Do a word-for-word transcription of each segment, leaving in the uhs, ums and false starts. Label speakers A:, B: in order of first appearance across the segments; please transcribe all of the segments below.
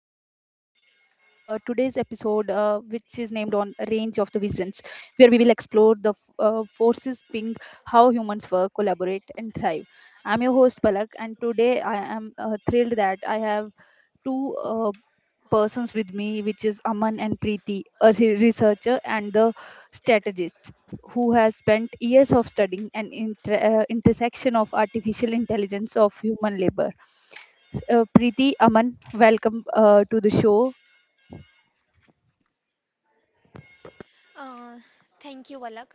A: to uh, today's episode, uh, which is named on Range of the Visions, where we will explore the f- uh, forces being how humans work, collaborate, and thrive. I'm your host Palak, and today I am uh, thrilled that I have two uh, persons with me, which is Aman and Preeti, a re- researcher and the strategist who has spent years of studying an inter- uh, intersection of artificial intelligence of human labor. Uh, Preeti, Aman, welcome uh, to the show.
B: Uh, thank you, Valak.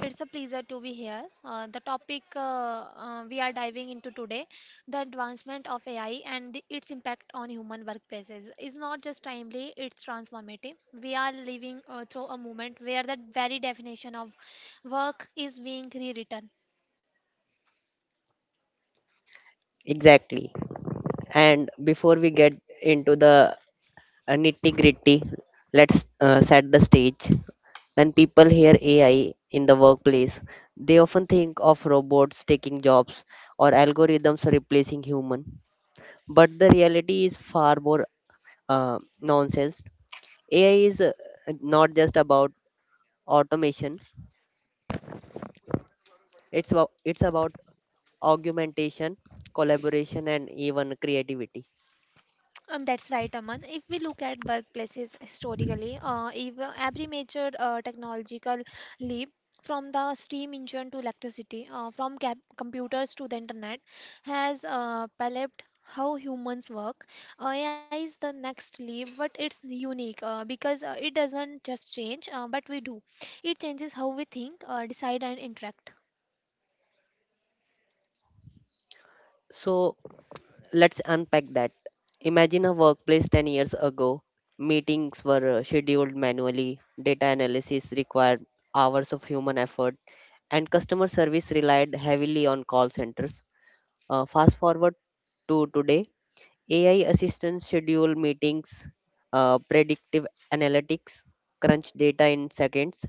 B: It's a pleasure to be here. Uh, the topic uh, uh, we are diving into today, the advancement of A I and its impact on human workplaces, is not just timely, it's transformative. We are living uh, through a moment where the very definition of work is being rewritten.
A: Exactly. And before we get into the nitty gritty, let's uh, set the stage. When people hear A I in the workplace, they often think of robots taking jobs or algorithms replacing human. But the reality is far more uh, nonsense. A I is uh, not just about automation; it's about, it's about augmentation, collaboration, and even creativity.
B: Um, that's right, Aman. If we look at workplaces historically, uh, ev every major uh, technological leap from the steam engine to electricity, uh, from cap computers to the internet, has uh, palped how humans work. A I is the next leap, but it's unique uh, because uh, it doesn't just change, uh, but we do. It changes how we think, uh, decide, and interact.
A: So let's unpack that. Imagine a workplace ten years ago. Meetings were uh, scheduled manually, data analysis required hours of human effort, and customer service relied heavily on call centers. Uh, fast forward to today, A I assistants schedule meetings, uh, predictive analytics, crunch data in seconds,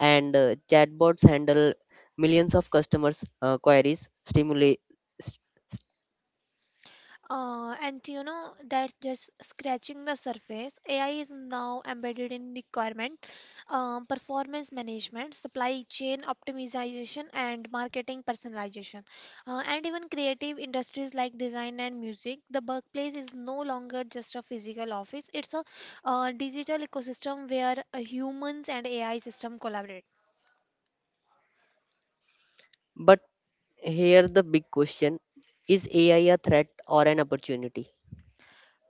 A: and uh, chatbots handle millions of customers' uh, queries. Stimulate,
B: Uh, and you know, that's just scratching the surface. A I is now embedded in requirement, um, performance management, supply chain optimization, and marketing personalization. Uh, and even creative industries like design and music, the workplace is no longer just a physical office, it's a uh, digital ecosystem where uh, humans and A I system collaborate.
A: but here the big question: Is A I a threat or an opportunity?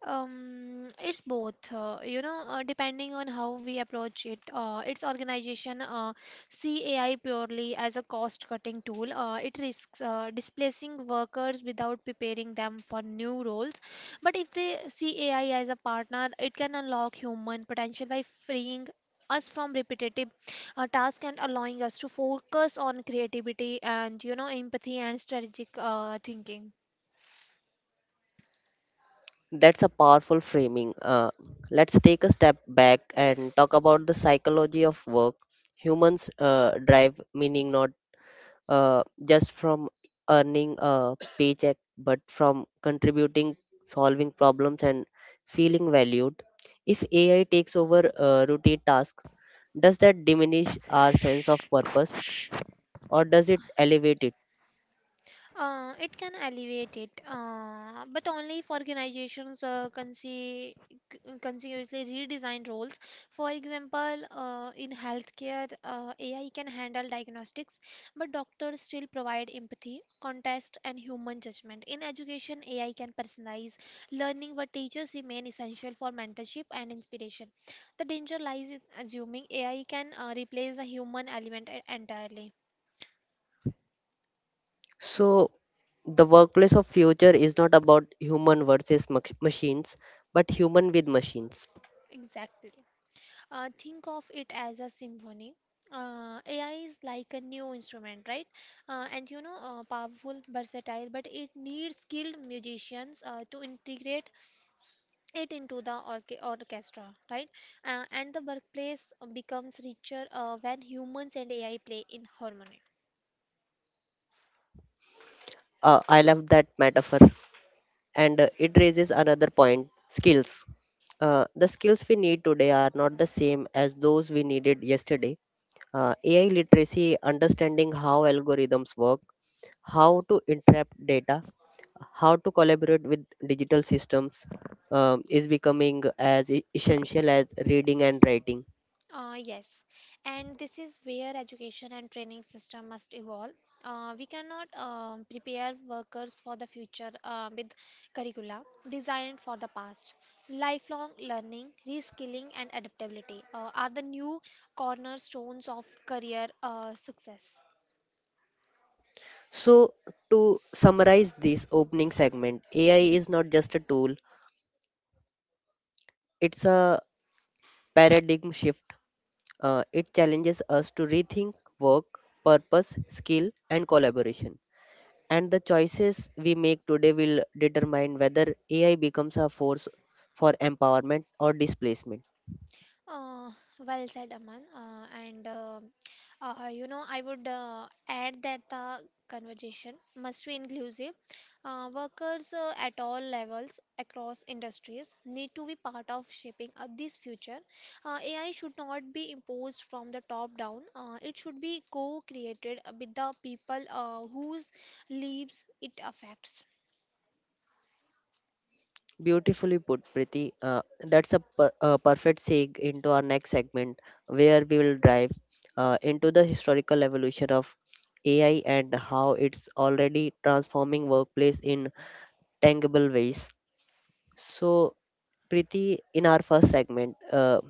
B: Um, it's both, uh, you know, uh, depending on how we approach it. Uh, its organization uh, see A I purely as a cost-cutting tool. Uh, it risks uh, displacing workers without preparing them for new roles. But if they see A I as a partner, it can unlock human potential by freeing us from repetitive uh, tasks and allowing us to focus on creativity and, you know, empathy and strategic uh, thinking.
A: That's a powerful framing. Uh, let's take a step back and talk about the psychology of work. Humans uh, drive meaning not uh, just from earning a paycheck, but from contributing, solving problems, and feeling valued. If A I takes over uh, routine tasks, does that diminish our sense of purpose or does it elevate it?
B: Uh, it can alleviate it, uh, but only if organizations uh, consi- c- continuously redesign roles. For example, uh, in healthcare, uh, A I can handle diagnostics, but doctors still provide empathy, context, and human judgment. In education, A I can personalize learning, but teachers remain essential for mentorship and inspiration. The danger lies in assuming A I can uh, replace the human element e- entirely.
A: So, the workplace of future is not about human versus mach- machines, but human with machines.
B: Exactly. Uh, think of it as a symphony. Uh, A I is like a new instrument, right? Uh, and you know, uh, powerful, versatile, but it needs skilled musicians uh, to integrate it into the orche- orchestra, right? Uh, and the workplace becomes richer uh, when humans and A I play in harmony.
A: Uh, I love that metaphor, and uh, it raises another point: skills. Uh, the skills we need today are not the same as those we needed yesterday. Uh, A I literacy, understanding how algorithms work, how to interpret data, how to collaborate with digital systems, um, is becoming as e- essential as reading and writing.
B: Uh, yes, and this is where education and training system must evolve. Uh, we cannot um, prepare workers for the future uh, with curricula designed for the past. Lifelong learning, reskilling, and adaptability uh, are the new cornerstones of career uh, success.
A: So, to summarize this opening segment, A I is not just a tool, it's a paradigm shift. Uh, it challenges us to rethink work, purpose, skill, and collaboration. And the choices we make today will determine whether A I becomes a force for empowerment or displacement.
B: Uh, well said, Aman. Uh, and uh, uh, you know, I would uh, add that the conversation must be inclusive. Uh, workers uh, at all levels across industries need to be part of shaping uh, this future. Uh, A I should not be imposed from the top down. Uh, it should be co-created with the people uh, whose lives it affects.
A: Beautifully put, Priti. Uh, that's a, per, a perfect seg into our next segment, where we will dive uh, into the historical evolution of A I and how it's already transforming workplace in tangible ways. So, Priti, in our first segment, uh,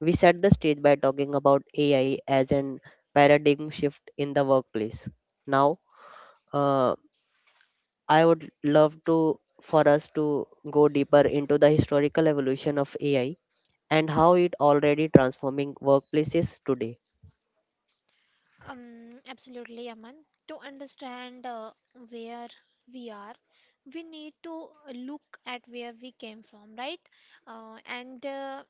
A: we set the stage by talking about A I as an paradigm shift in the workplace. Now, uh, I would love to for us to go deeper into the historical evolution of A I and how it already transforming workplaces today.
B: Um, absolutely, Aman. To understand uh, where we are, we need to look at where we came from, right? Uh, and uh,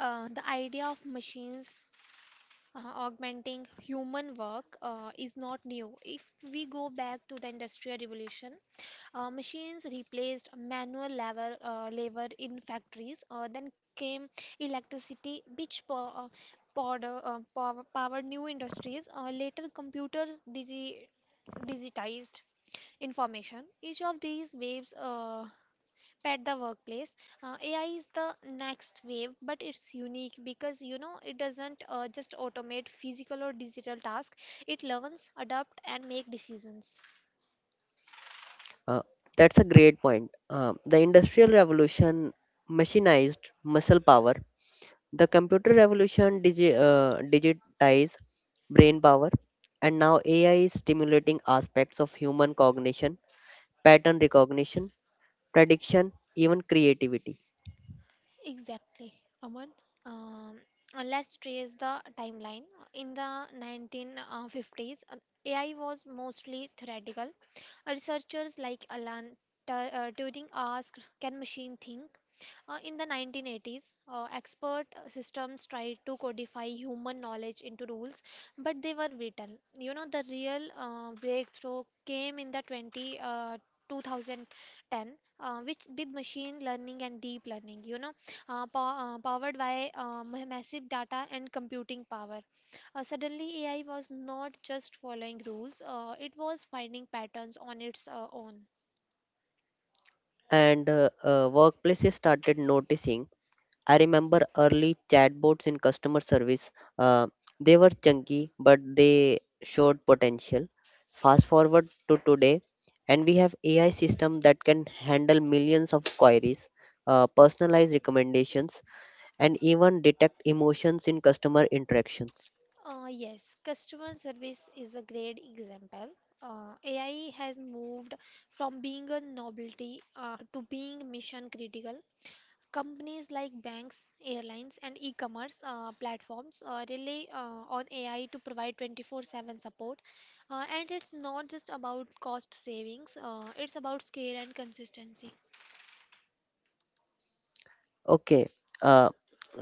B: uh, the idea of machines uh, augmenting human work uh, is not new. If we go back to the Industrial Revolution, uh, machines replaced manual labor, uh, labor in factories. Uh, then came electricity, which po- uh, pod, uh, pow- powered new industries. Uh, later, computers digi- digitized information. Each of these waves uh, pet the workplace. Uh, A I is the next wave, but it's unique because you know it doesn't uh, just automate physical or digital tasks. It learns, adapt, and make decisions.
A: Uh, that's a great point. Uh, the industrial revolution machinized muscle power. The computer revolution digi- uh, digitized brain power. And now A I is stimulating aspects of human cognition, pattern recognition, prediction, even creativity.
B: Exactly, Aman. Um, uh, let's trace the timeline. In the nineteen fifties, uh, A I was mostly theoretical. Uh, Researchers like Alan Tu- uh, Turing asked, "Can machine think?" Uh, in the nineteen eighties, uh, expert uh, systems tried to codify human knowledge into rules, but they were brittle. You know, the real uh, breakthrough came in the 20, uh, two thousand ten, uh, which with machine learning and deep learning, you know, uh, pow- uh, powered by uh, ma- massive data and computing power. Uh, suddenly, A I was not just following rules, uh, it was finding patterns on its uh, own.
A: And uh, uh, workplaces started noticing. I remember early chatbots in customer service. Uh, they were chunky, but they showed potential. Fast forward to today, and we have A I system that can handle millions of queries, uh, personalize recommendations, and even detect emotions in customer interactions.
B: Uh, yes, customer service is a great example. Uh, A I has moved from being a novelty uh, to being mission critical. Companies like banks, airlines, and e commerce uh, platforms uh, rely uh, on A I to provide twenty-four seven support. Uh, and it's not just about cost savings, uh, it's about scale and consistency.
A: Okay, uh,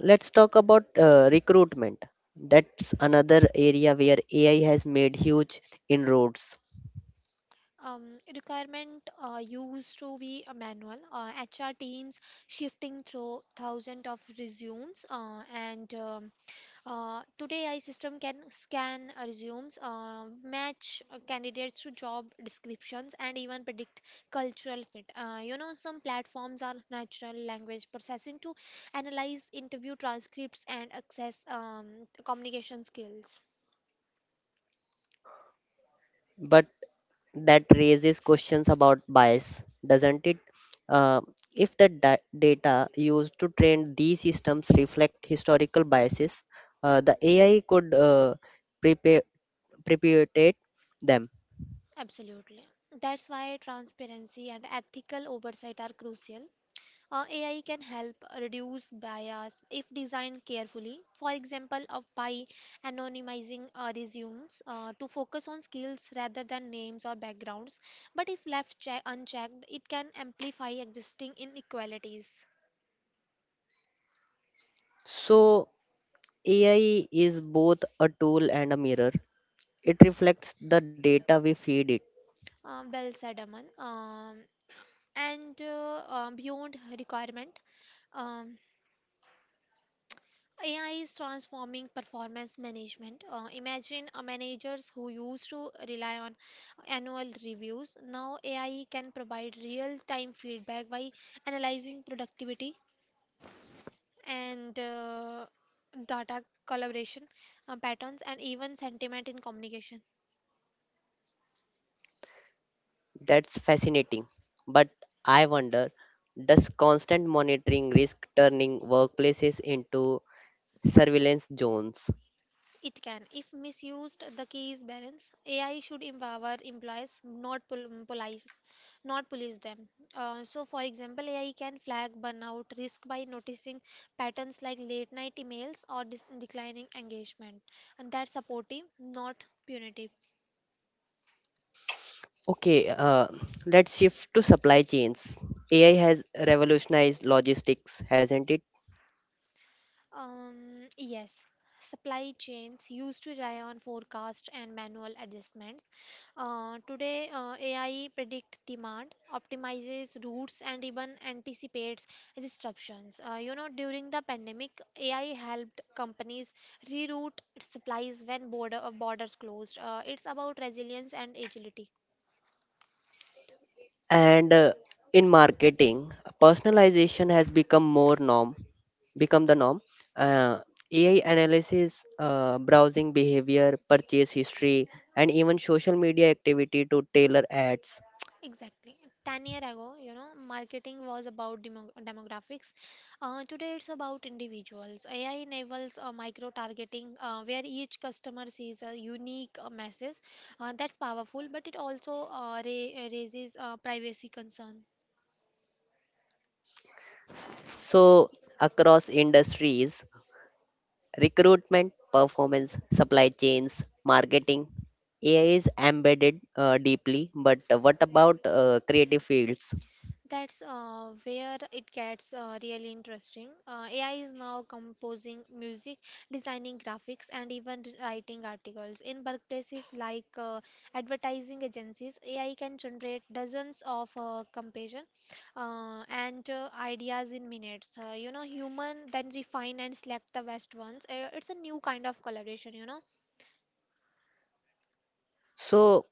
A: let's talk about uh, recruitment. That's another area where A I has made huge inroads.
B: um, Requirement uh, used to be a manual. Uh, H R teams shifting through thousands of resumes, uh, and um, uh, today A I system can scan uh, resumes, uh, match uh, candidates to job descriptions, and even predict cultural fit. Uh, you know, some platforms are natural language processing to analyze interview transcripts and access um, communication skills.
A: That raises questions about bias, doesn't it? Uh, if the da- data used to train these systems reflect historical biases, uh, the A I could uh, prepare, precipitate them.
B: Absolutely. That's why transparency and ethical oversight are crucial. Uh, A I can help reduce bias if designed carefully, for example, of by anonymizing uh, resumes uh, to focus on skills rather than names or backgrounds. But if left che- unchecked, it can amplify existing inequalities.
A: So, A I is both a tool and a mirror. It reflects the data we feed it.
B: Uh, well said, Aman. Um, and uh, uh, beyond requirement, um, A I is transforming performance management. Uh, imagine uh, managers who used to rely on annual reviews. Now, A I can provide real time feedback by analyzing productivity and uh, data collaboration uh, patterns and even sentiment in communication.
A: That's fascinating. But I wonder, does constant monitoring risk turning workplaces into surveillance zones?
B: It can, if misused, the key is balance. A I should empower employees, not pol- mm, police, not police them. Uh, so, for example, A I can flag burnout risk by noticing patterns like late night emails or dis- declining engagement, and that's supportive, not punitive.
A: Okay, uh, let's shift to supply chains. A I has revolutionized logistics, hasn't it?
B: Um, yes, supply chains used to rely on forecast and manual adjustments. Uh, today, uh, A I predict demand, optimizes routes, and even anticipates disruptions. Uh, you know, during the pandemic, A I helped companies reroute supplies when border uh, borders closed. Uh, it's about resilience and agility.
A: And uh, in marketing, personalization has become more norm, become the norm. Uh, A I analysis, uh, browsing behavior, purchase history, and even social media activity to tailor ads.
B: Exactly. ten year ago, you know, marketing was about demo demographics. Uh, today it's about individuals. A I enables uh, micro targeting uh, where each customer sees a unique uh, message. Uh, that's powerful, but it also uh, ra- raises uh, privacy concern.
A: So across industries, recruitment, performance, supply chains, marketing. A I is embedded uh, deeply, but what about uh, creative fields?
B: That's uh, where it gets uh, really interesting. Uh, A I is now composing music, designing graphics, and even writing articles. In workplaces like uh, advertising agencies, A I can generate dozens of uh, comparison uh, and uh, ideas in minutes. Uh, you know, human then refine and select the best ones. Uh, it's a new kind of collaboration, you know.
A: So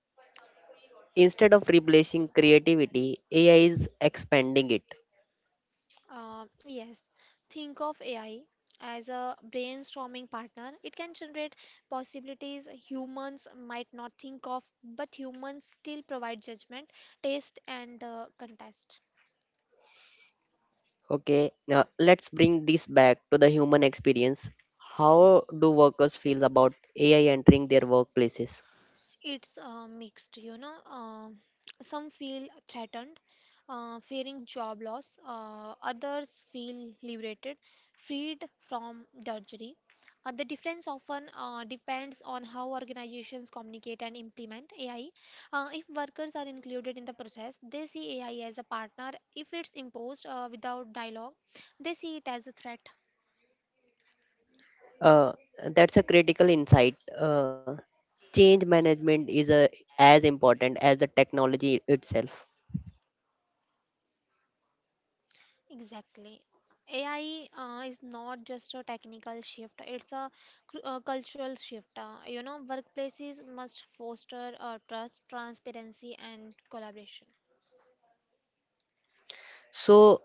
A: instead of replacing creativity, A I is expanding it.
B: Uh, yes, think of A I as a brainstorming partner. It can generate possibilities humans might not think of, but humans still provide judgment, taste, and uh, context.
A: Okay, now let's bring this back to the human experience. How do workers feel about A I entering their workplaces?
B: It's uh, mixed, you know. Uh, some feel threatened, uh, fearing job loss. Uh, others feel liberated, freed from drudgery. Uh, the difference often uh, depends on how organizations communicate and implement A I. Uh, if workers are included in the process, they see A I as a partner. If it's imposed uh, without dialogue, they see it as a threat.
A: Uh, that's a critical insight. Uh, change management is a, as important as the technology itself.
B: Exactly. A I uh, is not just a technical shift, it's a, cr- uh cultural shift. Uh, you know, workplaces must foster uh, trust, transparency, and collaboration.
A: So,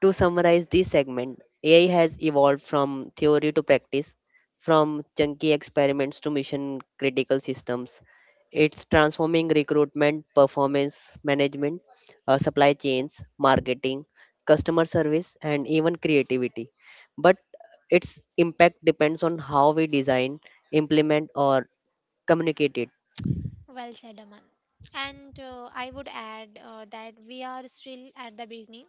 A: to summarize this segment, A I has evolved from theory to practice, from chunky experiments to mission critical systems. It's transforming recruitment, performance management, uh, supply chains, marketing, customer service, and even creativity. But its impact depends on how we design, implement, or communicate it.
B: Well said, Aman. And uh, I would add uh, that we are still at the beginning.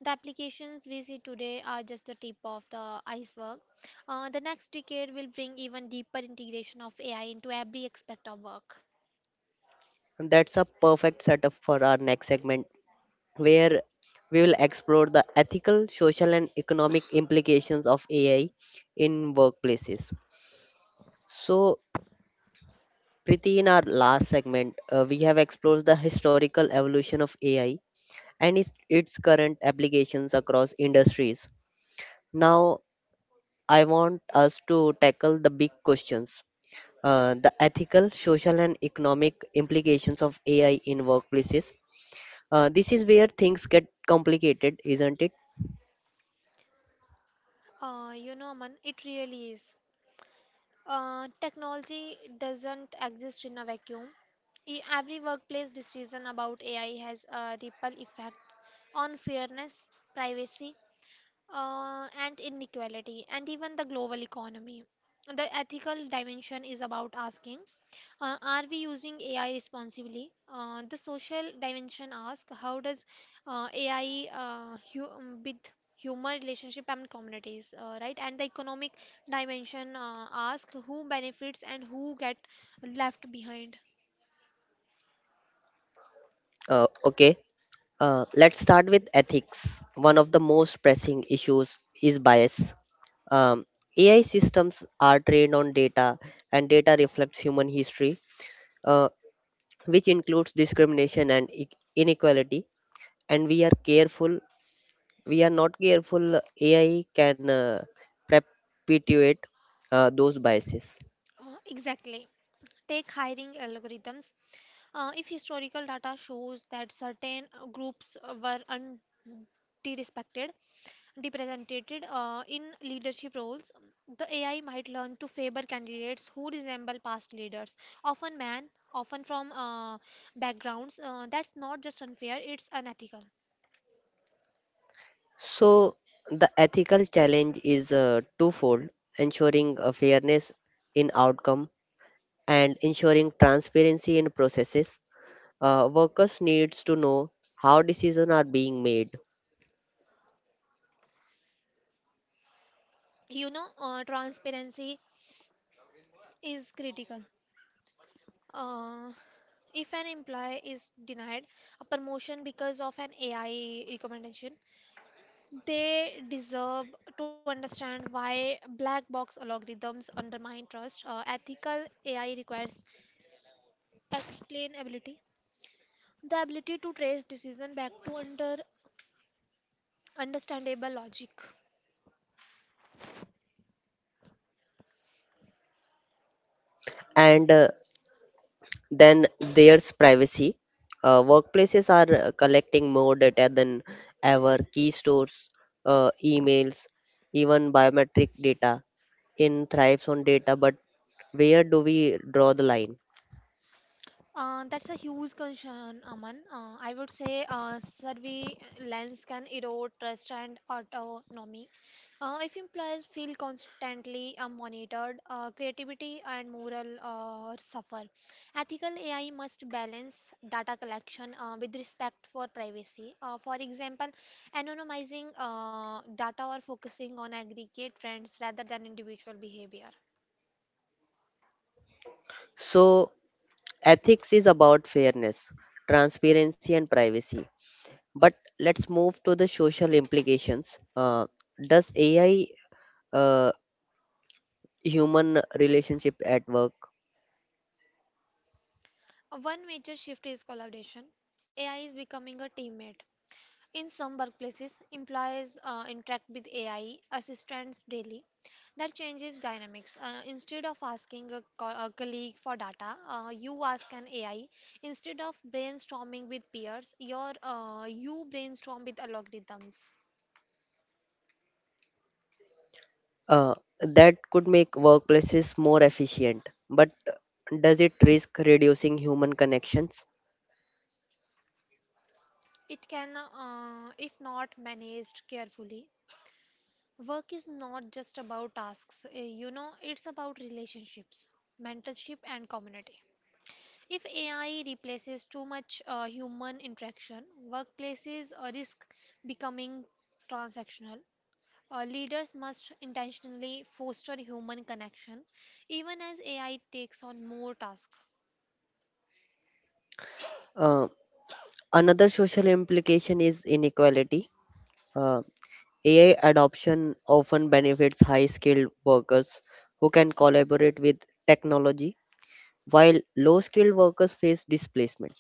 B: The applications we see today are just the tip of the iceberg. Uh, the next decade will bring even deeper integration of A I into every aspect of work.
A: And that's a perfect setup for our next segment where we will explore the ethical, social, and economic implications of A I in workplaces. So, Priti, in our last segment, uh, we have explored the historical evolution of A I and its, its current applications across industries. Now, I want us to tackle the big questions. Uh, the ethical, social, and economic implications of A I in workplaces. Uh, this is where things get complicated, isn't it?
B: Uh, you know, Aman, it really is. Uh, technology doesn't exist in a vacuum. E- Every workplace decision about A I has a ripple effect on fairness, privacy, uh, and inequality, and even the global economy. The ethical dimension is about asking uh, are we using A I responsibly? Uh, the social dimension asks how does uh, A I uh, hu- um, with human relationship and communities, uh, right? And the economic dimension uh, asks who benefits and who get left behind.
A: Uh, okay, uh, let's start with ethics. One of the most pressing issues is bias. Um, A I systems are trained on data, and data reflects human history, uh, which includes discrimination and e- inequality. And we are careful we are not careful, A I can uh, perpetuate uh, those biases.
B: Uh, exactly take hiring algorithms uh, if historical data shows that certain uh, groups uh, were unrespected represented uh, in leadership roles, the A I might learn to favor candidates who resemble past leaders, often men, often from uh, backgrounds. Uh, that's not just unfair, it's unethical.
A: So, the ethical challenge is uh, twofold, ensuring uh, fairness in outcome and ensuring transparency in processes. Uh, workers needs to know how decisions are being made.
B: You know, uh, transparency is critical. Uh, if an employee is denied a promotion because of an A I recommendation, they deserve to understand why black box algorithms undermine trust. Uh, ethical A I requires Explainability: the ability to trace decision back to under understandable logic.
A: And uh, then there's privacy. Uh, workplaces are uh, collecting more data than ever: key stores, uh, emails, even biometric data in thrives on data, but where do we draw the line?
B: Uh, that's a huge concern, Aman. Uh, I would say uh, surveillance can erode trust and autonomy. Uh, if employees feel constantly uh, monitored, uh, creativity and moral uh, suffer. Ethical A I must balance data collection uh, with respect for privacy. Uh, for example, anonymizing uh, data or focusing on aggregate trends rather than individual behavior.
A: So, ethics is about fairness, transparency, and privacy. But let's move to the social implications. Uh, does A I uh, human relationship at work?
B: Uh, One major shift is collaboration. A I is becoming a teammate. In some workplaces, employees uh, interact with A I assistants daily. That changes dynamics. Uh, instead of asking a, co- a colleague for data, uh, you ask an A I. Instead of brainstorming with peers, your uh, you brainstorm with algorithms.
A: Uh, that could make workplaces more efficient, but does it risk reducing human connections?
B: It can, uh, if not managed carefully, work is not just about tasks. uh, You know, it's about relationships, mentorship, and community. If A I replaces too much uh, human interaction, workplaces uh, risk becoming transactional. Uh, leaders must intentionally foster human connection, even as A I takes on more tasks.
A: Uh, Another social implication is inequality. Uh, A I adoption often benefits high skilled workers who can collaborate with technology, while low skilled workers face displacement.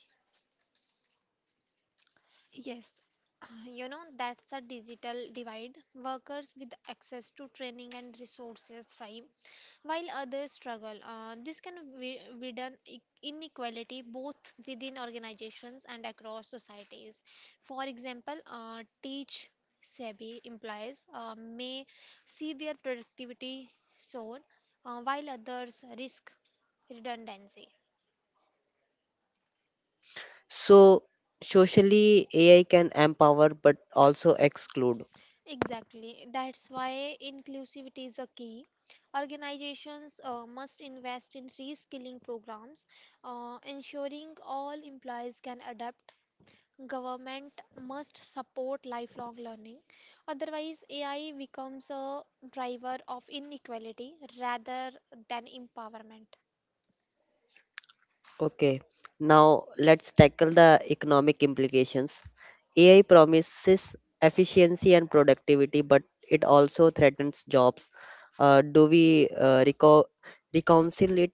B: Yes, you know, that's a digital divide. Workers with access to training and resources thrive, while others struggle. Uh, this can wi- widen e- inequality both within organizations and across societies. For example, uh, teach savvy employees uh, may see their productivity soar, uh, while others risk redundancy.
A: So, socially, A I can empower but also exclude.
B: Exactly. That's why inclusivity is a key. Organizations uh, must invest in reskilling programs, uh, ensuring all employees can adapt government must support lifelong learning. Otherwise, A I becomes a driver of inequality rather than empowerment.
A: Okay, now let's tackle the economic implications. A I promises efficiency and productivity, but it also threatens jobs. Uh, do we uh, reco- reconcile it?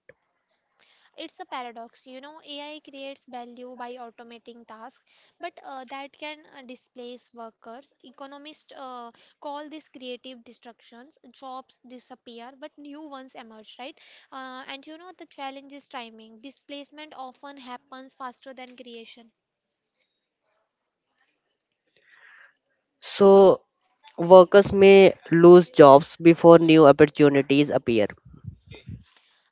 B: It's a paradox, you know, A I creates value by automating tasks, but uh, that can uh, displace workers. Economists uh, call this creative destructions. Jobs disappear, but new ones emerge, right? Uh, and you know, the challenge is timing. Displacement often happens faster than creation.
A: So, workers may lose jobs before new opportunities appear.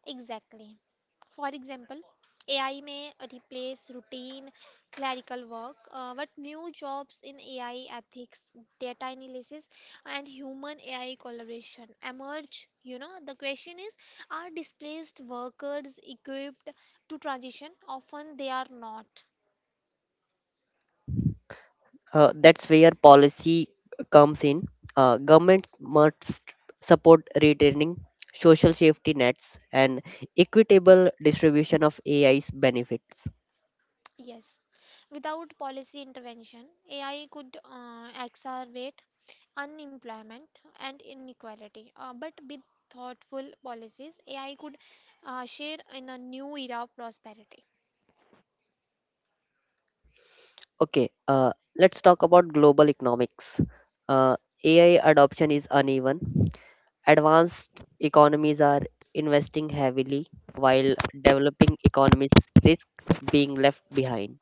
B: Exactly. For example, A I may replace routine clerical work, uh, but new jobs in A I ethics, data analysis, and human A I collaboration emerge. You know, the question is are displaced workers equipped to transition? Often they are not.
A: Uh, that's where policy comes in. Uh, government must support retraining, social safety nets, and equitable distribution of A I's benefits.
B: Yes, without policy intervention, A I could uh, exacerbate unemployment and inequality. Uh, but with thoughtful policies, A I could uh, share in a new era of prosperity.
A: Okay, uh, let's talk about global economics. Uh, A I adoption is uneven. Advanced economies are investing heavily, while developing economies risk being left behind.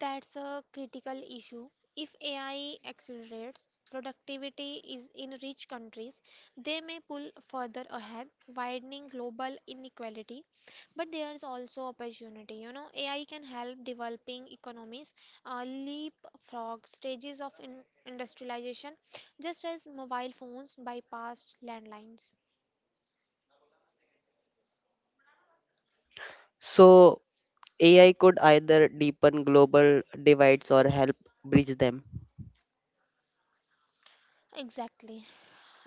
B: That's a critical issue. If A I accelerates productivity is in rich countries, they may pull further ahead, widening global inequality. But there's also opportunity. You know, A I can help developing economies uh, leapfrog stages of in- industrialization, just as mobile phones bypassed landlines.
A: So, A I could either deepen global divides or help bridge them.
B: Exactly.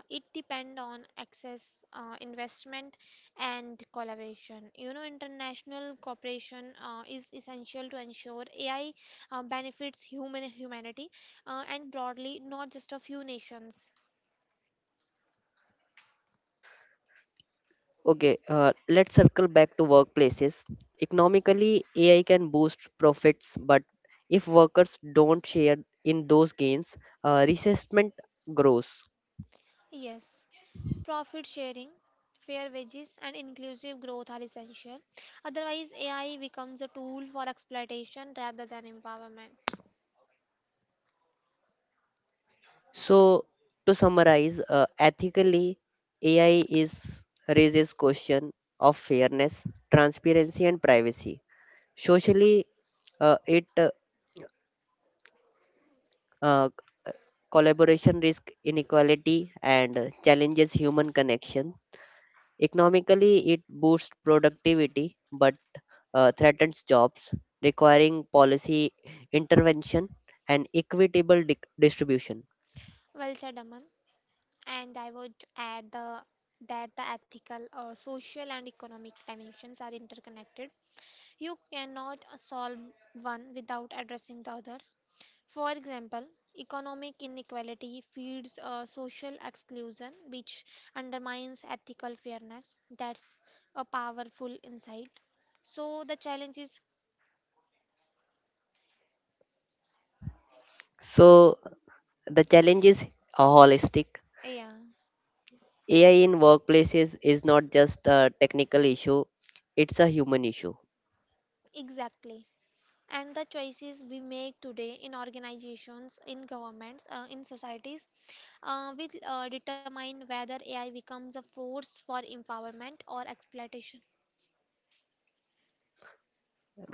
B: It depend on access, uh, investment and collaboration. You know, international cooperation uh, is essential to ensure AI uh, benefits human humanity, uh, and broadly, not just a few nations.
A: Okay, uh, let's circle back to workplaces. Economically, A I can boost profits, but if workers don't share in those gains, uh, resentment grows.
B: Yes, profit sharing, fair wages and inclusive growth are essential. Otherwise, AI becomes a tool for exploitation rather than empowerment.
A: So, to summarize, uh, ethically, A I is raises question of fairness, transparency, and privacy. Socially, uh, it uh, uh, collaboration risk inequality and uh, challenges human connection. Economically, it boosts productivity but uh, threatens jobs, requiring policy intervention and equitable dic- distribution.
B: Well said, Aman. And I would add the, that the ethical, uh, social, and economic dimensions are interconnected. You cannot uh, solve one without addressing the others. For example, economic inequality feeds uh, social exclusion, which undermines ethical fairness. That's a powerful insight. So the challenge is,
A: So, the challenge is holistic.
B: yeah,
A: A I in workplaces is not just a technical issue, it's a human issue.
B: exactly. And the choices we make today in organizations, in governments, uh, in societies uh, will uh, determine whether A I becomes a force for empowerment or exploitation.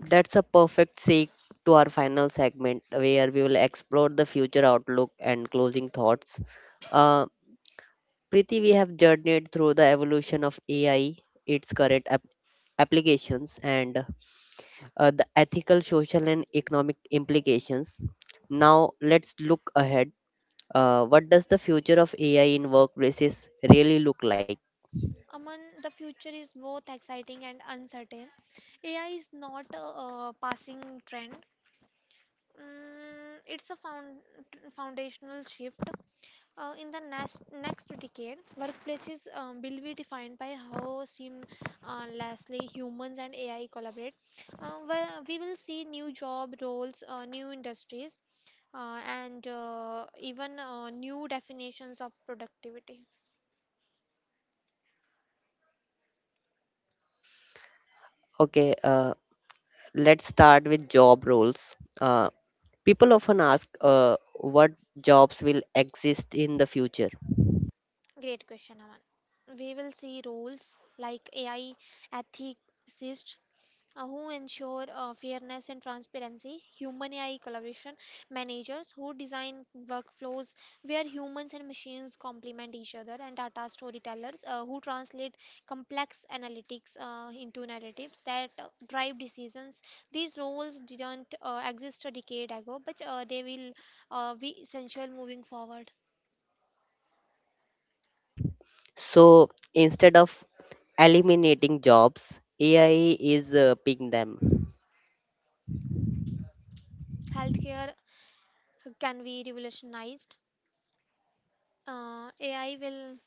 A: That's a perfect segue to our final segment where we will explore the future outlook and closing thoughts. Uh, Priti, we have journeyed through the evolution of A I, its current ap- applications, and uh, the ethical, social, and economic implications. Now, let's look ahead. Uh, what does the future of A I in workplaces really look like?
B: Aman, the future is both exciting and uncertain. A I is not a, uh passing trend. Mm, it's a found, foundational shift. Uh, in the next next decade, workplaces um, will be defined by how seamlessly humans and A I collaborate. Uh, where we will see new job roles, uh, new industries, uh, and uh, even uh, new definitions of productivity.
A: Okay, uh, let's start with job roles. Uh, people often ask uh, what jobs will exist in the future.
B: Great question, Aman. We will see roles like A I ethicists uh, who ensure uh, fairness and transparency, human A I collaboration managers who design workflows where humans and machines complement each other, and data storytellers uh, who translate complex analytics uh, into narratives that uh, drive decisions. These roles didn't uh, exist a decade ago, but uh, they will uh, be essential moving forward.
A: So, instead of eliminating jobs, A I is uh, picking them.
B: Healthcare can be revolutionized. Uh, A I will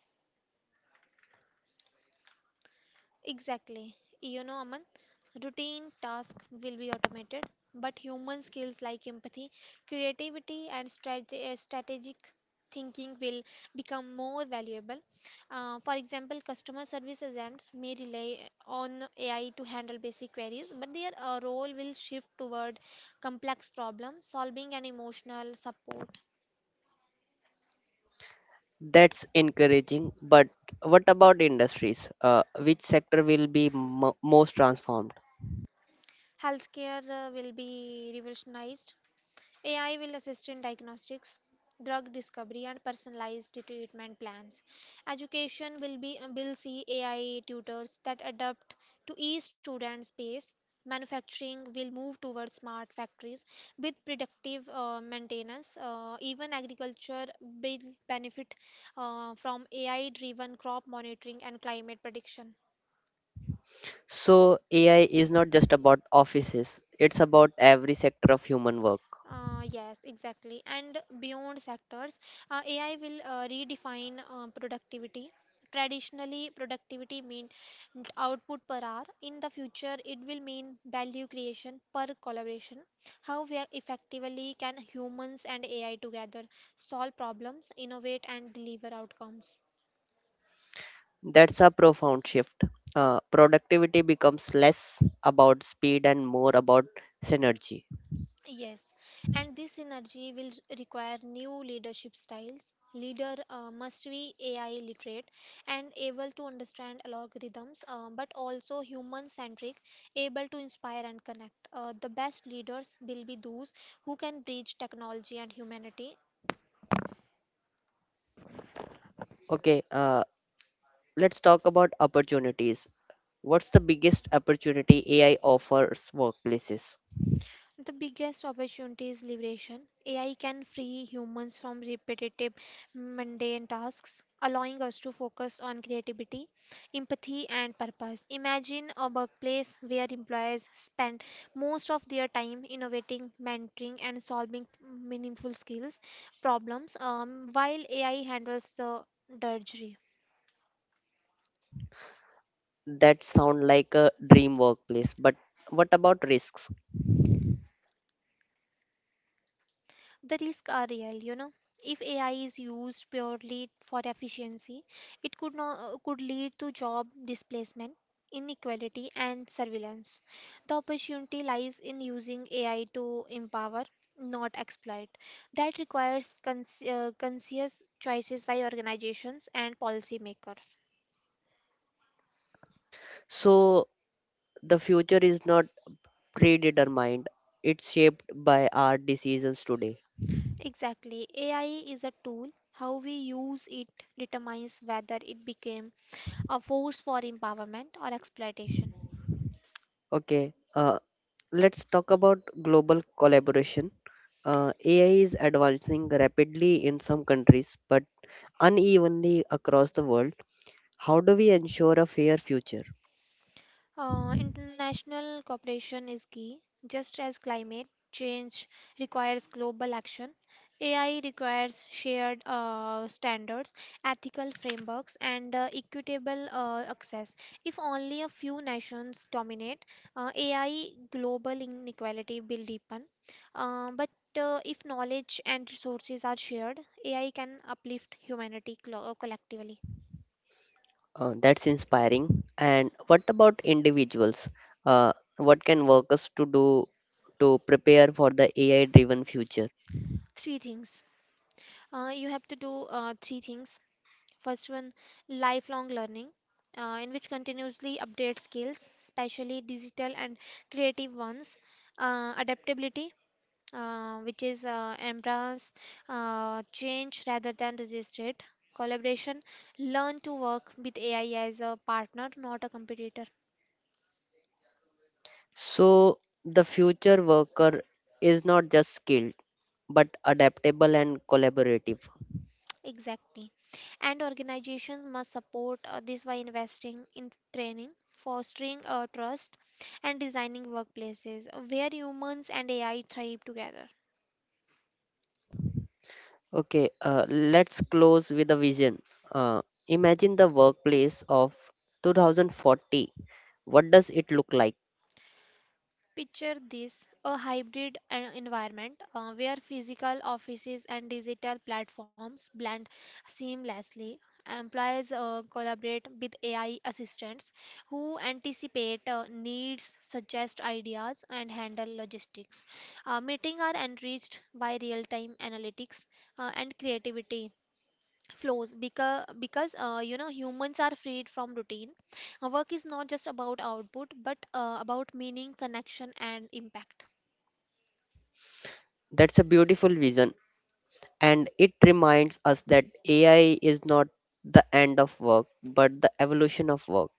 B: exactly, you know, Aman, routine tasks will be automated, but human skills like empathy, creativity, and strate- uh, strategic thinking will become more valuable. Uh, for example, customer service agents may rely on A I to handle basic queries, but their uh, role will shift toward complex problem solving and emotional support.
A: That's encouraging, but what about industries? Uh, which sector will be mo most transformed?
B: Healthcare uh, will be revolutionized. A I will assist in diagnostics, drug discovery, and personalized treatment plans. Education will be will see A I tutors that adapt to each student's pace. Manufacturing will move towards smart factories with predictive uh, maintenance. Uh, even agriculture will benefit uh, from A I-driven crop monitoring and climate prediction.
A: So, A I is not just about offices, it's about every sector of human work.
B: Uh, yes, exactly. And beyond sectors, uh, A I will uh, redefine uh, productivity. Traditionally, productivity mean output per hour. In the future, it will mean value creation per collaboration. How we are effectively can humans and A I together solve problems, innovate, and deliver outcomes?
A: That's a profound shift. Uh, productivity becomes less about speed and more about synergy.
B: Yes, and this energy will require new leadership styles. Leader uh, must be A I literate and able to understand algorithms, uh, but also human centric, able to inspire and connect. Uh, the best leaders will be those who can bridge technology and humanity.
A: Okay, uh, let's talk about opportunities. What's the biggest opportunity A I offers workplaces?
B: The biggest opportunity is liberation. A I can free humans from repetitive, mundane tasks, allowing us to focus on creativity, empathy, and purpose. Imagine a workplace where employees spend most of their time innovating, mentoring, and solving meaningful skills problems, um, while A I handles the drudgery.
A: That sound like a dream workplace, but what about risks?
B: The risks are real, you know. If A I is used purely for efficiency, it could no, could lead to job displacement, inequality, and surveillance. The opportunity lies in using A I to empower, not exploit. That requires cons uh, conscious choices by organizations and policymakers.
A: So the future is not predetermined, it's shaped by our decisions today.
B: Exactly. A I is a tool. How we use it determines whether it became a force for empowerment or exploitation.
A: Okay, uh, let's talk about global collaboration. Uh, A I is advancing rapidly in some countries but unevenly across the world. How do we ensure a fair future?
B: Uh, international cooperation is key. Just as climate change requires global action, A I requires shared uh, standards, ethical frameworks, and uh, equitable uh, access. If only a few nations dominate, uh, A I global inequality will deepen. Uh, but uh, if knowledge and resources are shared, A I can uplift humanity clo- collectively.
A: Uh, that's inspiring. And what about individuals? Uh, what can workers to do to prepare for the A I driven future?
B: Three things. Uh, you have to do uh, three things. First one, lifelong learning, uh, in which continuously update skills, especially digital and creative ones. Uh, adaptability, uh, which is uh, embrace uh, change rather than resist it. Collaboration, learn to work with A I as a partner, not a competitor.
A: So, the future worker is not just skilled, but adaptable and collaborative.
B: Exactly. And organizations must support uh, this by investing in training, fostering uh, trust, and designing workplaces where humans and A I thrive together.
A: Okay, uh, let's close with a vision. Uh, Imagine the workplace of two thousand forty. What does it look like?
B: Picture this a hybrid en- environment uh, where physical offices and digital platforms blend seamlessly. Employees uh, collaborate with A I assistants who anticipate uh, needs, suggest ideas, and handle logistics. Uh, meetings are enriched by real time analytics uh, and creativity flows because because uh, you know, humans are freed from routine. Uh, work is not just about output but uh, about meaning, connection and impact.
A: That's a beautiful vision, and it reminds us that A I is not the end of work, but the evolution of work.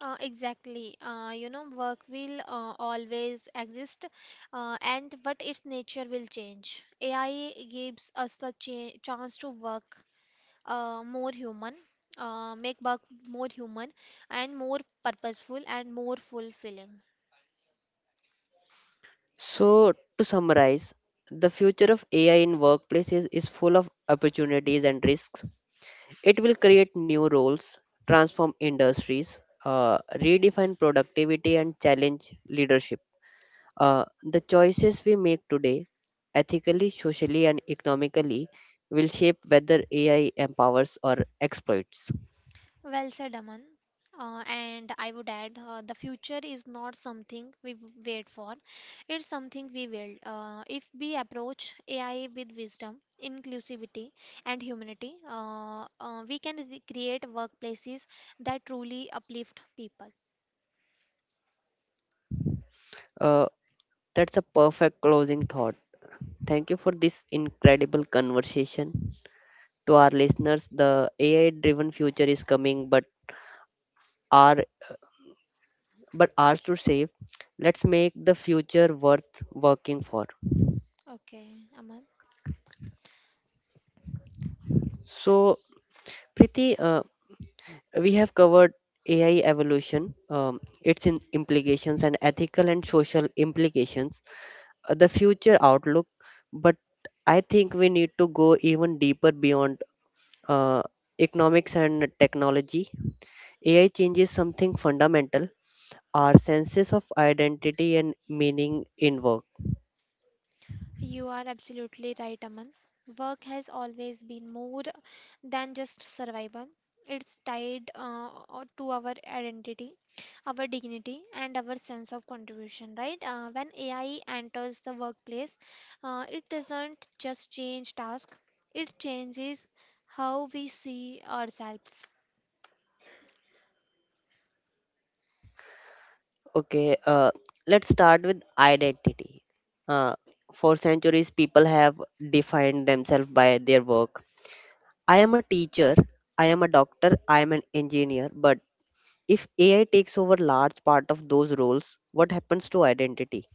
B: uh, Exactly. Uh, you know, work will uh, always exist, uh, and but its nature will change. AI gives us the cha- chance to work uh, more human uh, make work more human and more purposeful and more fulfilling.
A: So, to summarize, the future of A I in workplaces is is full of opportunities and risks. It will create new roles, transform industries, uh, redefine productivity, and challenge leadership. Uh, the choices we make today, ethically, socially, and economically, will shape whether A I empowers or exploits.
B: Well said, Aman. Uh, and I would add, uh, the future is not something we w- wait for, it's something we will. Uh, if we approach A I with wisdom, inclusivity, and humanity, uh, uh, we can re- create workplaces that truly uplift people.
A: Uh, that's a perfect closing thought. Thank you for this incredible conversation. To our listeners, the A I driven future is coming, but our but ours to save. Let's make the future worth working for.
B: Okay, Aman.
A: So, Priti, uh, we have covered A I evolution, um, its in implications and ethical and social implications, uh, the future outlook, but I think we need to go even deeper beyond uh, economics and technology. A I changes something fundamental, our senses of identity and meaning in work.
B: You are absolutely right, Aman. Work has always been more than just survival. It's tied uh, uh, to our identity, our dignity, and our sense of contribution, right? Uh, when A I enters the workplace, uh, it doesn't just change tasks, it changes how we see ourselves.
A: Okay, uh, let's start with identity. Uh, for centuries, people have defined themselves by their work. I am a teacher, I am a doctor, I am an engineer, but if A I takes over large part of those roles, what happens to identity?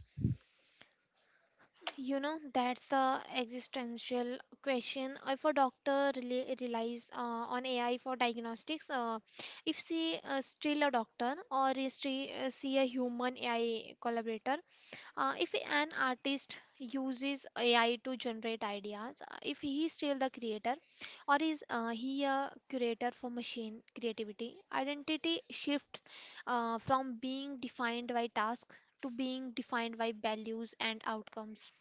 B: You know, that's the existential question. If a doctor rely, relies uh, on A I for diagnostics, uh, if she uh, still a doctor or is she, uh, see a human A I collaborator, uh, if an artist uses A I to generate ideas, uh, if he is still the creator or is uh, he a curator for machine creativity, identity shifts uh, from being defined by tasks to being defined by values and outcomes.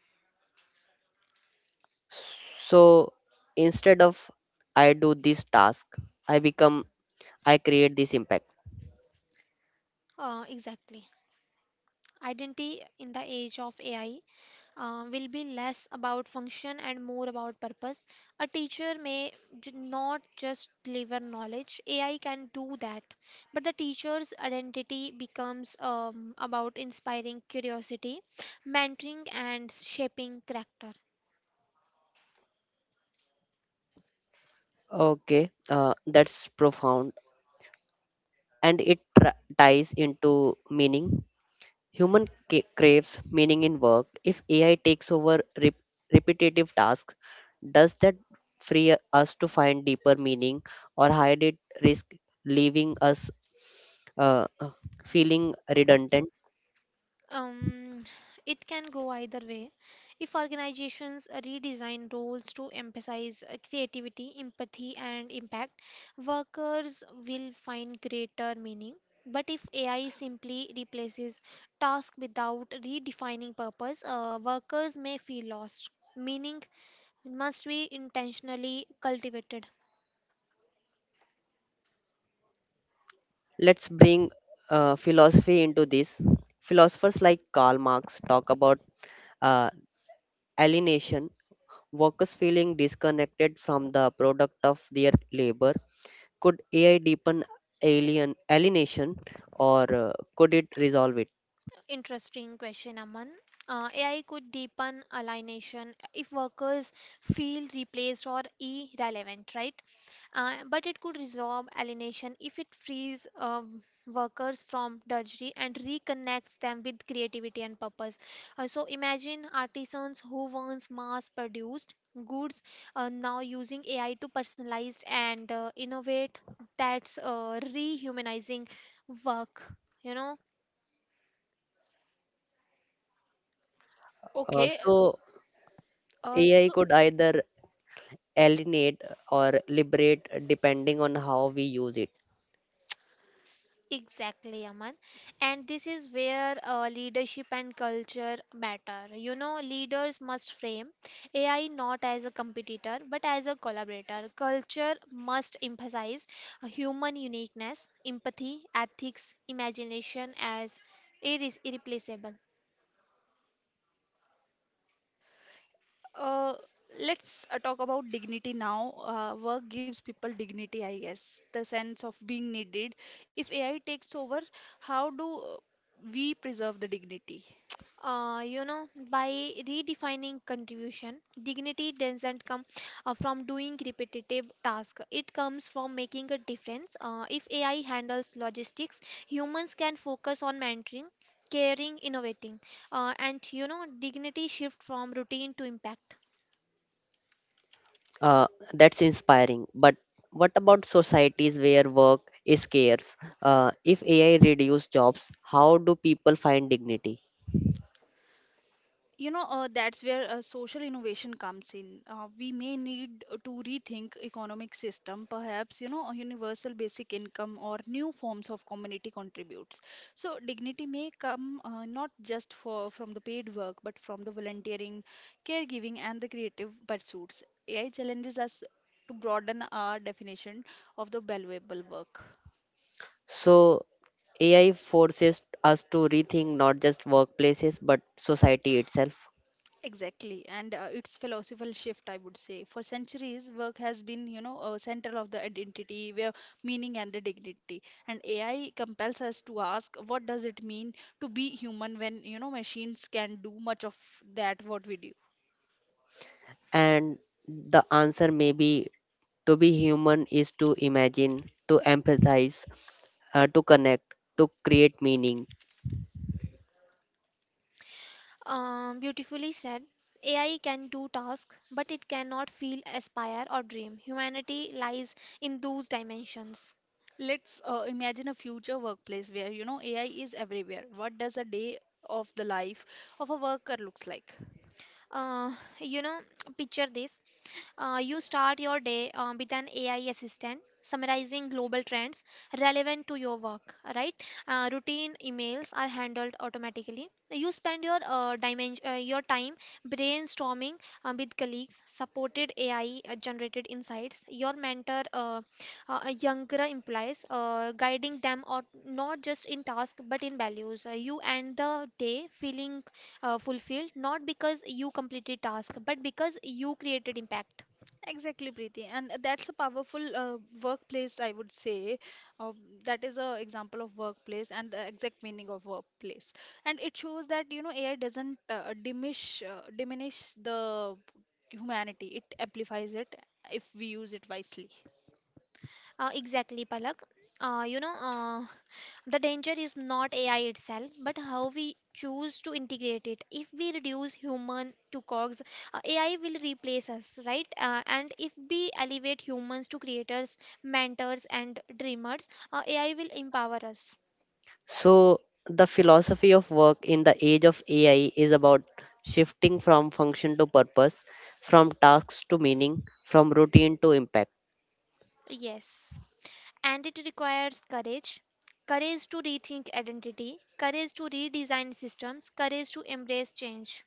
A: So instead of I do this task, I become I create this impact.
B: Uh, exactly. Identity in the age of A I uh, will be less about function and more about purpose. A teacher may j- not just deliver knowledge, A I can do that. But the teacher's identity becomes um, about inspiring curiosity, mentoring, and shaping character.
A: Okay, uh, that's profound and it tra- ties into meaning. Human ca- craves meaning in work. If A I takes over rep- repetitive tasks, does that free us to find deeper meaning or hide it risk leaving us uh, uh, feeling redundant?
B: Um, it can go either way. If organizations redesign roles to emphasize uh, creativity, empathy, and impact, workers will find greater meaning. But if A I simply replaces tasks without redefining purpose, uh, workers may feel lost. Meaning must be intentionally cultivated.
A: Let's bring uh, philosophy into this. Philosophers like Karl Marx talk about uh, alienation, workers feeling disconnected from the product of their labor. Could A I deepen alien alienation, or uh, could it resolve it?
B: Interesting question, Aman. Uh, A I could deepen alienation if workers feel replaced or irrelevant, right? Uh, but it could resolve alienation if it frees um, workers from drudgery and reconnects them with creativity and purpose. Uh, so imagine artisans who once mass-produced goods uh, now using A I to personalize and uh, innovate. That's uh, rehumanizing work. You know.
A: Uh,
C: Okay,
A: so
C: s- uh,
A: A I
C: so
A: could either alienate or liberate, depending on how we use it.
B: Exactly, Aman. And this is where uh, leadership and culture matter. You know, leaders must frame A I not as a competitor but as a collaborator. Culture must emphasize human uniqueness, empathy, ethics, imagination as irre- irreplaceable.
C: uh, let's uh, talk about dignity now. Uh, work gives people dignity, I guess, the sense of being needed. If A I takes over, how do uh, we preserve the dignity?
B: Uh, you know, by redefining contribution, dignity doesn't come uh, from doing repetitive tasks. It comes from making a difference. Uh, if A I handles logistics, humans can focus on mentoring, caring, innovating, uh, and you know, dignity shift from routine to impact.
A: Uh, that's inspiring. But what about societies where work is scarce? Uh, if A I reduces jobs, how do people find dignity?
C: You know, uh, that's where uh, social innovation comes in. Uh, we may need to rethink economic system, perhaps, you know, a universal basic income or new forms of community contributes. So dignity may come uh, not just for from the paid work, but from the volunteering, caregiving, and the creative pursuits. A I challenges us to broaden our definition of the valuable work.
A: So A I forces us to rethink not just workplaces but society itself.
C: Exactly, and uh, it's philosophical shift, I would say. For centuries, work has been, you know, a center of the identity, where meaning and the dignity. And A I compels us to ask, what does it mean to be human when, you know, machines can do much of that what we do?
A: And the answer may be: to be human is to imagine, to empathize, uh, to connect, to create meaning.
B: Um, beautifully said. A I can do tasks, but it cannot feel, aspire, or dream. Humanity lies in those dimensions.
C: Let's uh, imagine a future workplace where, you know, A I is everywhere. What does a day of the life of a worker looks like?
B: Uh, you know, picture this. Uh, you start your day uh, with an A I assistant summarizing global trends relevant to your work, right? Uh, routine emails are handled automatically. You spend your uh, dimension, uh, your time brainstorming uh, with colleagues, supported A I uh, generated insights. Your mentor, uh, uh, younger employees, uh, guiding them or not just in task but in values. Uh, you end the day feeling uh, fulfilled not because you completed task but because you created impact.
C: Exactly, Preeti, and that's a powerful uh, workplace, I would say. Uh, that is a example of workplace and the exact meaning of workplace, and it shows that you know A I doesn't uh, diminish uh, diminish the humanity. It amplifies it if we use it wisely.
B: Uh, exactly, Palak. Uh, you know, uh, the danger is not A I itself, but how we choose to integrate it. If we reduce human to cogs, uh, A I will replace us, right? Uh, and if we elevate humans to creators, mentors, and dreamers, uh, A I will empower us.
A: So, the philosophy of work in the age of A I is about shifting from function to purpose, from tasks to meaning, from routine to impact.
B: Yes. And it requires courage. Courage to rethink identity, courage to redesign systems, courage to embrace change.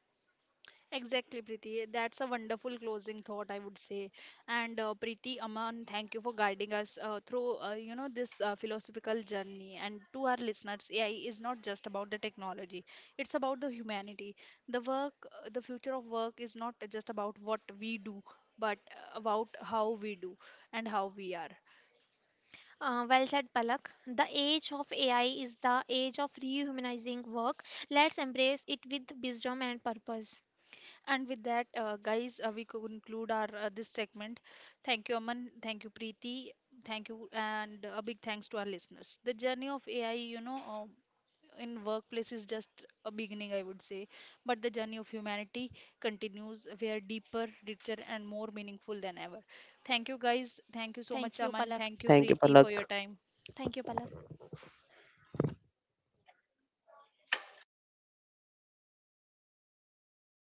C: Exactly, Preeti. That's a wonderful closing thought, I would say. And uh, Preeti, Aman, thank you for guiding us uh, through, uh, you know, this uh, philosophical journey. And to our listeners, A I is not just about the technology; it's about the humanity. The work, uh, the future of work, is not just about what we do, but uh, about how we do and how we are.
B: Uh, well said, Palak. The age of A I is the age of rehumanizing work. Let's embrace it with wisdom and purpose.
C: And with that, uh, guys, uh, we conclude our uh, this segment. Thank you, Aman. Thank you, Preeti. Thank you, and a big thanks to our listeners. The journey of A I, you know, uh, in workplace is just a beginning, I would say, but the journey of humanity continues. We are deeper, richer, and more meaningful than ever. Thank you, guys. Thank you so much,
B: Thank you,
C: Aman.
B: Palak.
C: Thank you,
A: Thank you,
C: Preeti, for your
A: Palak.
C: time.
B: Thank you, Palak.